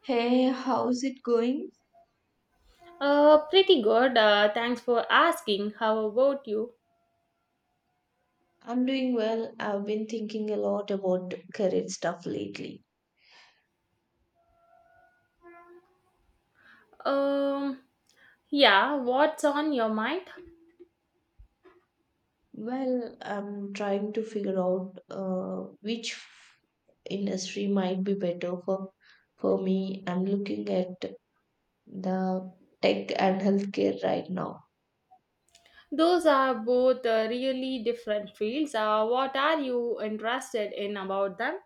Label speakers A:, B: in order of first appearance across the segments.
A: Hey, how's it going?
B: Pretty good. Thanks for asking. How about you?
A: I'm doing well. I've been thinking a lot about career stuff lately.
B: Um, yeah, what's on your mind?
A: Well, I'm trying to figure out which industry might be better for me. I'm looking at the tech and healthcare right now.
B: Those are both really different fields. What are you interested in about them?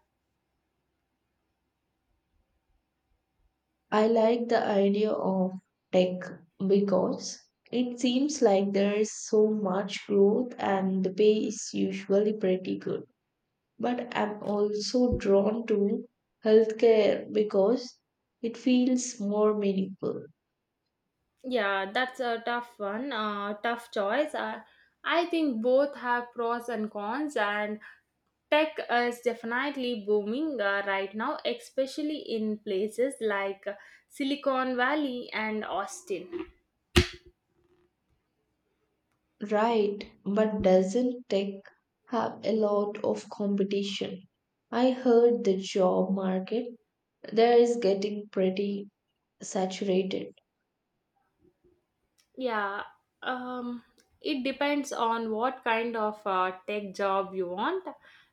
A: I like the idea of tech because it seems like there's so much growth and the pay is usually pretty good. But I'm also drawn to healthcare because it feels more meaningful.
B: Yeah, that's a tough one. Tough choice. I think both have pros and cons, and tech is definitely booming right now, especially in places like Silicon Valley and Austin.
A: Right, but doesn't tech have a lot of competition? I heard the job market there is getting pretty saturated.
B: Yeah, um, it depends on what kind of tech job you want.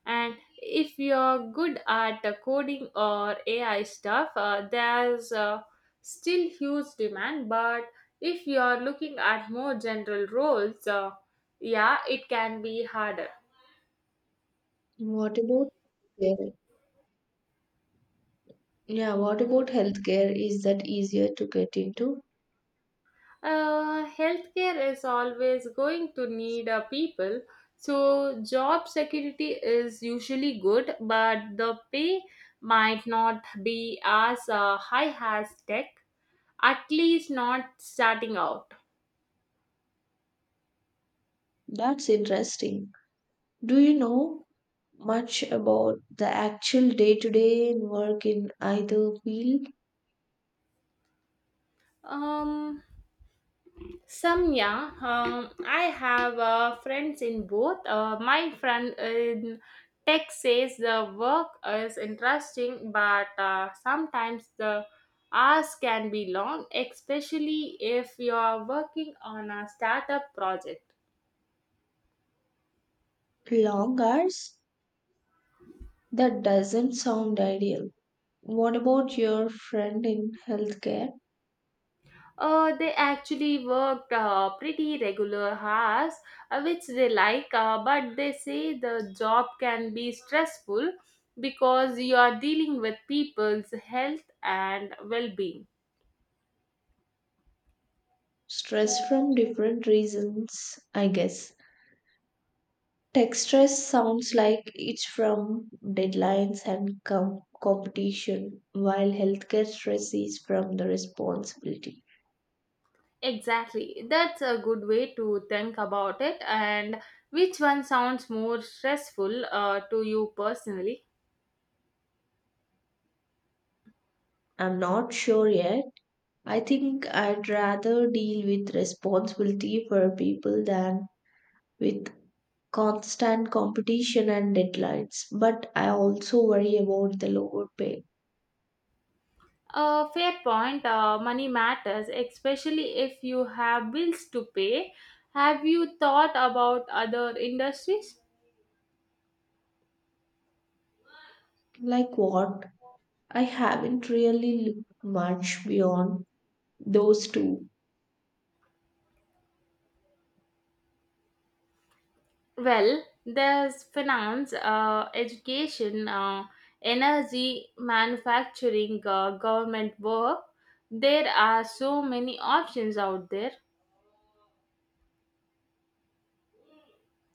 B: And if you're good at coding or AI stuff, there's still huge demand. But if you're looking at more general roles, yeah, it can be harder.
A: What about healthcare? Yeah, what about healthcare? Is that easier to get into?
B: Healthcare is always going to need people, so job security is usually good, but the pay might not be as high as tech, at least not starting out.
A: That's interesting. Do you know much about the actual day to day work in either field?
B: Um, Some, yeah, I have friends in both. My friend in tech says the work is interesting, but sometimes the hours can be long, especially if you are working on a startup project.
A: Long hours? That doesn't sound ideal. What about your friend in healthcare?
B: They actually worked pretty regular hours, which they like, but they say the job can be stressful because you are dealing with people's health and well being.
A: Stress from different reasons, I guess. Tech stress sounds like it's from deadlines and competition, while healthcare stress is from the responsibility.
B: Exactly, that's a good way to think about it. And which one sounds more stressful to you personally?
A: I'm not sure yet. I think I'd rather deal with responsibility for people than with constant competition and deadlines. But I also worry about the lower pay.
B: Fair point. Money matters, especially if you have bills to pay. Have you thought about other industries?
A: Like what? I haven't really looked much beyond those two.
B: Well, there's finance, education, energy, manufacturing, government work. There are so many options out there.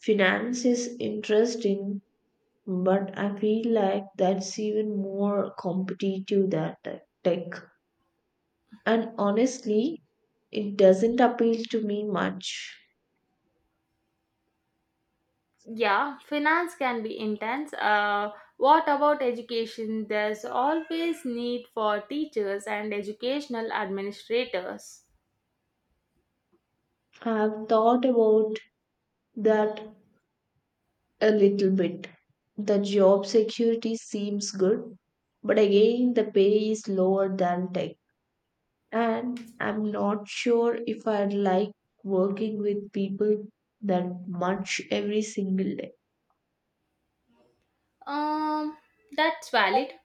A: Finance is interesting but I feel like that's even more competitive than tech. And honestly, it doesn't appeal to me much.
B: Yeah, finance can be intense. What about education? There's always need for teachers and educational administrators.
A: I've thought about that a little bit. The job security seems good, but again, the pay is lower than tech. And I'm not sure if I'd like working with people that much every single day.
B: Um, that's valid.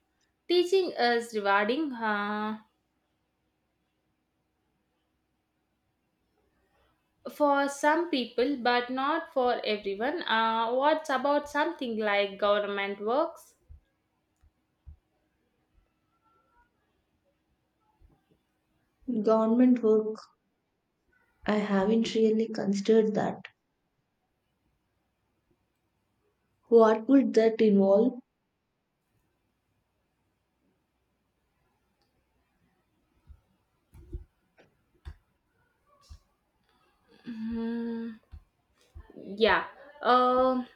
B: Teaching is rewarding for some people, but not for everyone. What's about something like government works?
A: Government work, I haven't really considered that. What would that involve?
B: Hmm. Yeah. Um,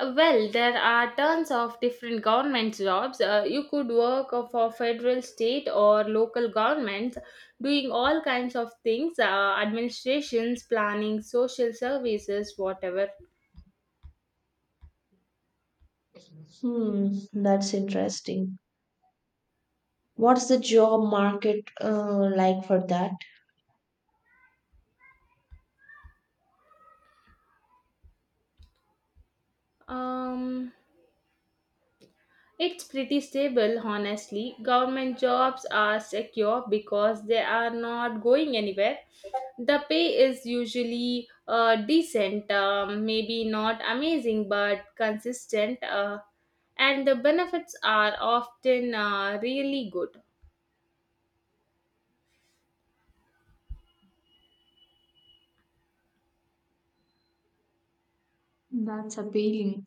B: well, there are tons of different government jobs. You could work for federal, state, or local governments, doing all kinds of things, administrations, planning, social services, whatever.
A: Hmm, that's interesting. What's the job market like for that?
B: Um, It's pretty stable, honestly. Government jobs are secure because they are not going anywhere. The pay is usually decent, maybe not amazing, but consistent, and the benefits are often really good.
A: That's appealing.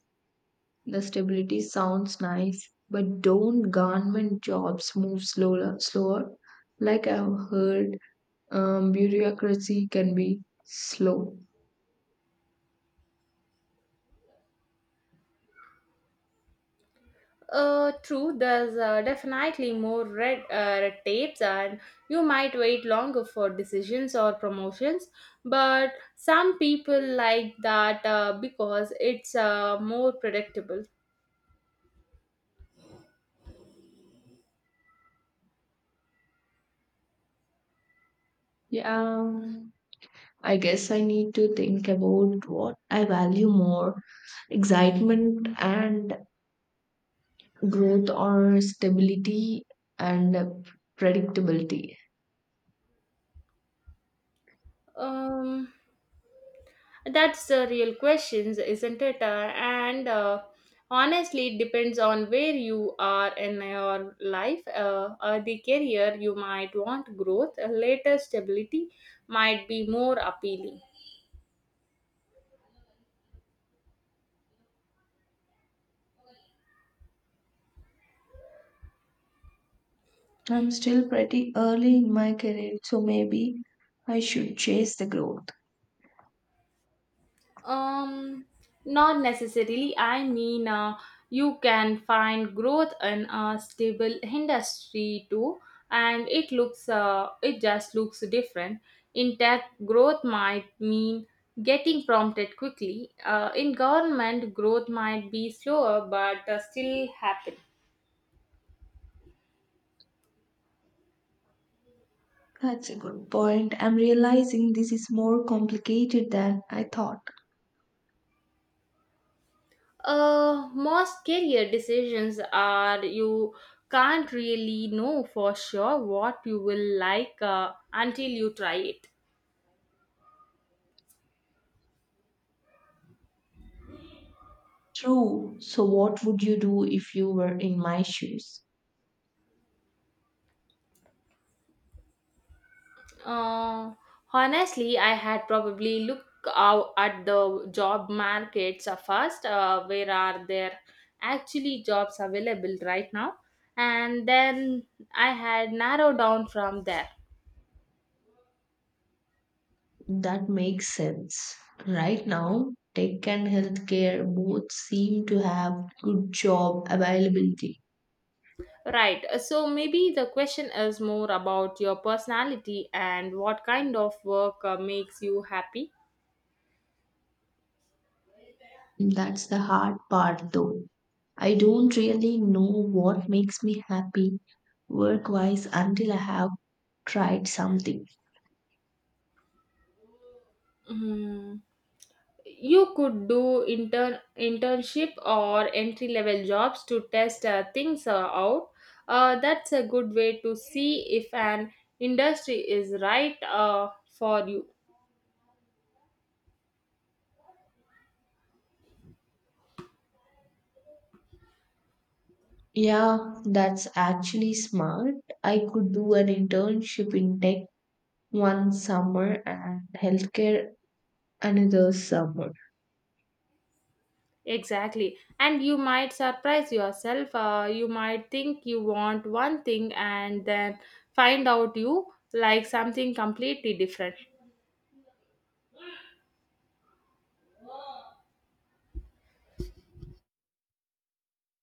A: The stability sounds nice, but don't government jobs move slower? Slower, like I've heard, bureaucracy can be slow.
B: True, there's definitely more red, red tapes, and you might wait longer for decisions or promotions. But some people like that because it's more predictable.
A: Yeah, I guess I need to think about what I value more: excitement and growth or stability and predictability.
B: Um, that's the real questions, isn't it? And Honestly, it depends on where you are in your life, or the career. You might want growth, later stability might be more appealing.
A: I'm still pretty early in my career, so maybe I should chase the growth.
B: Um, Not necessarily. I mean, you can find growth in a stable industry too, and it looks, it just looks different. In tech, growth might mean getting prompted quickly. In government, growth might be slower, but still happen.
A: That's a good point. I'm realizing this is more complicated than I thought.
B: Most career decisions are. You can't really know for sure what you will like until you try it.
A: True. So, what would you do if you were in my shoes?
B: Uh, Honestly, I had probably looked out at the job markets first. Where are there actually jobs available right now? And then I had narrowed down from there.
A: That makes sense. Right now, tech and healthcare both seem to have good job availability.
B: Right. So maybe the question is more about your personality and what kind of work makes you happy.
A: That's the hard part though. I don't really know what makes me happy work wise until I have tried something.
B: Hmm. You could do internship or entry level jobs to test things out. That's a good way to see if an industry is right for you.
A: Yeah, that's actually smart. I could do an internship in tech one summer and healthcare another summer.
B: Exactly, and you might surprise yourself. You might think you want one thing and then find out you like something completely different.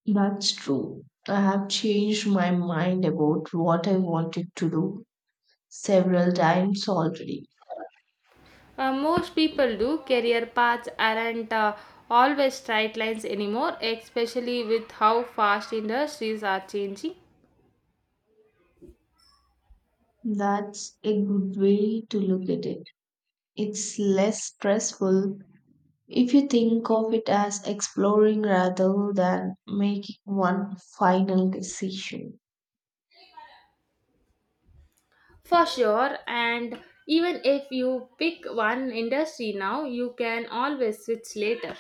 A: That's true. I have changed my mind about what I wanted to do several times already.
B: Most people do. Career paths aren't always straight lines anymore, especially with how fast industries are changing.
A: That's a good way to look at it. It's less stressful if you think of it as exploring rather than making one final decision.
B: For sure, and even if you pick one industry now, you can always switch later.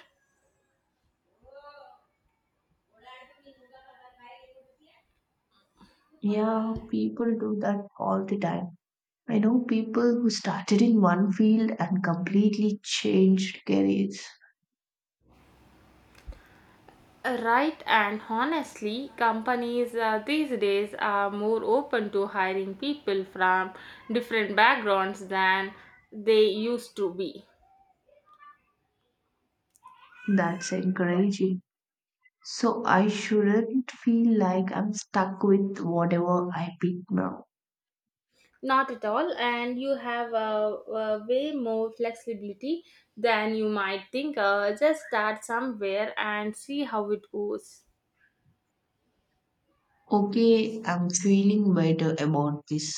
A: Yeah, people do that all the time. I know people who started in one field and completely changed careers.
B: Right, and honestly, companies these days are more open to hiring people from different backgrounds than they used to be.
A: That's encouraging. So I shouldn't feel like I'm stuck with whatever I pick now.
B: Not at all, and you have way more flexibility than you might think. Just start somewhere and see how it goes.
A: Okay, I'm feeling better about this.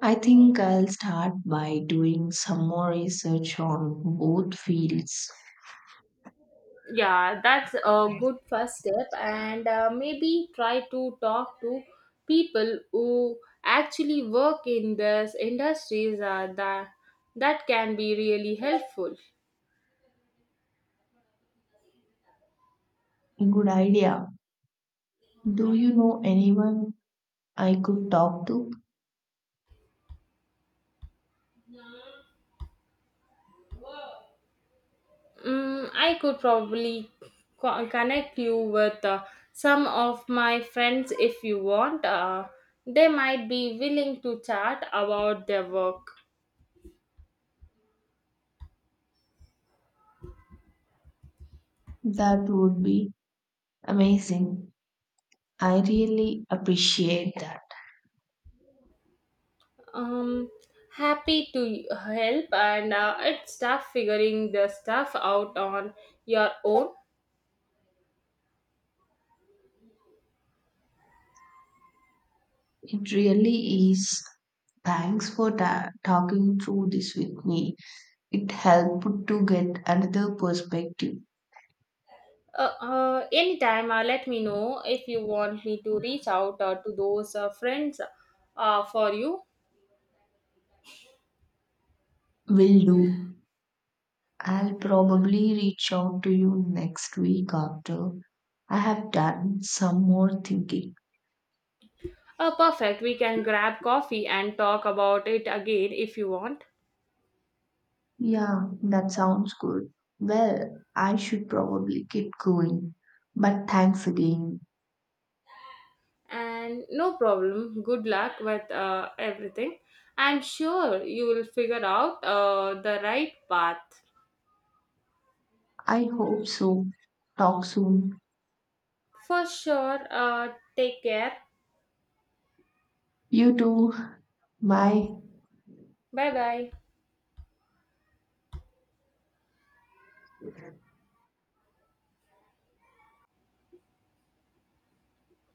A: I think I'll start by doing some more research on both fields.
B: Yeah, that's a good first step, and maybe try to talk to people who actually work in these industries, that can be really helpful.
A: Good idea. Do you know anyone I could talk to?
B: Mm, I could probably connect you with some of my friends if you want. They might be willing to chat about their work.
A: That would be amazing. I really appreciate that.
B: Um, Happy to help, and it's tough figuring the stuff out on your own.
A: It really is. Thanks for talking through this with me. It helped to get another perspective.
B: Anytime, let me know if you want me to reach out to those friends for you.
A: Will do. I'll probably reach out to you next week after I have done some more thinking.
B: Perfect. We can grab coffee and talk about it again if you want.
A: Yeah, that sounds good. Well, I should probably get going. But thanks again.
B: And no problem, good luck with everything. I'm sure you will figure out the right path.
A: I hope so. Talk soon.
B: For sure, take care.
A: You too. Bye.
B: Bye bye.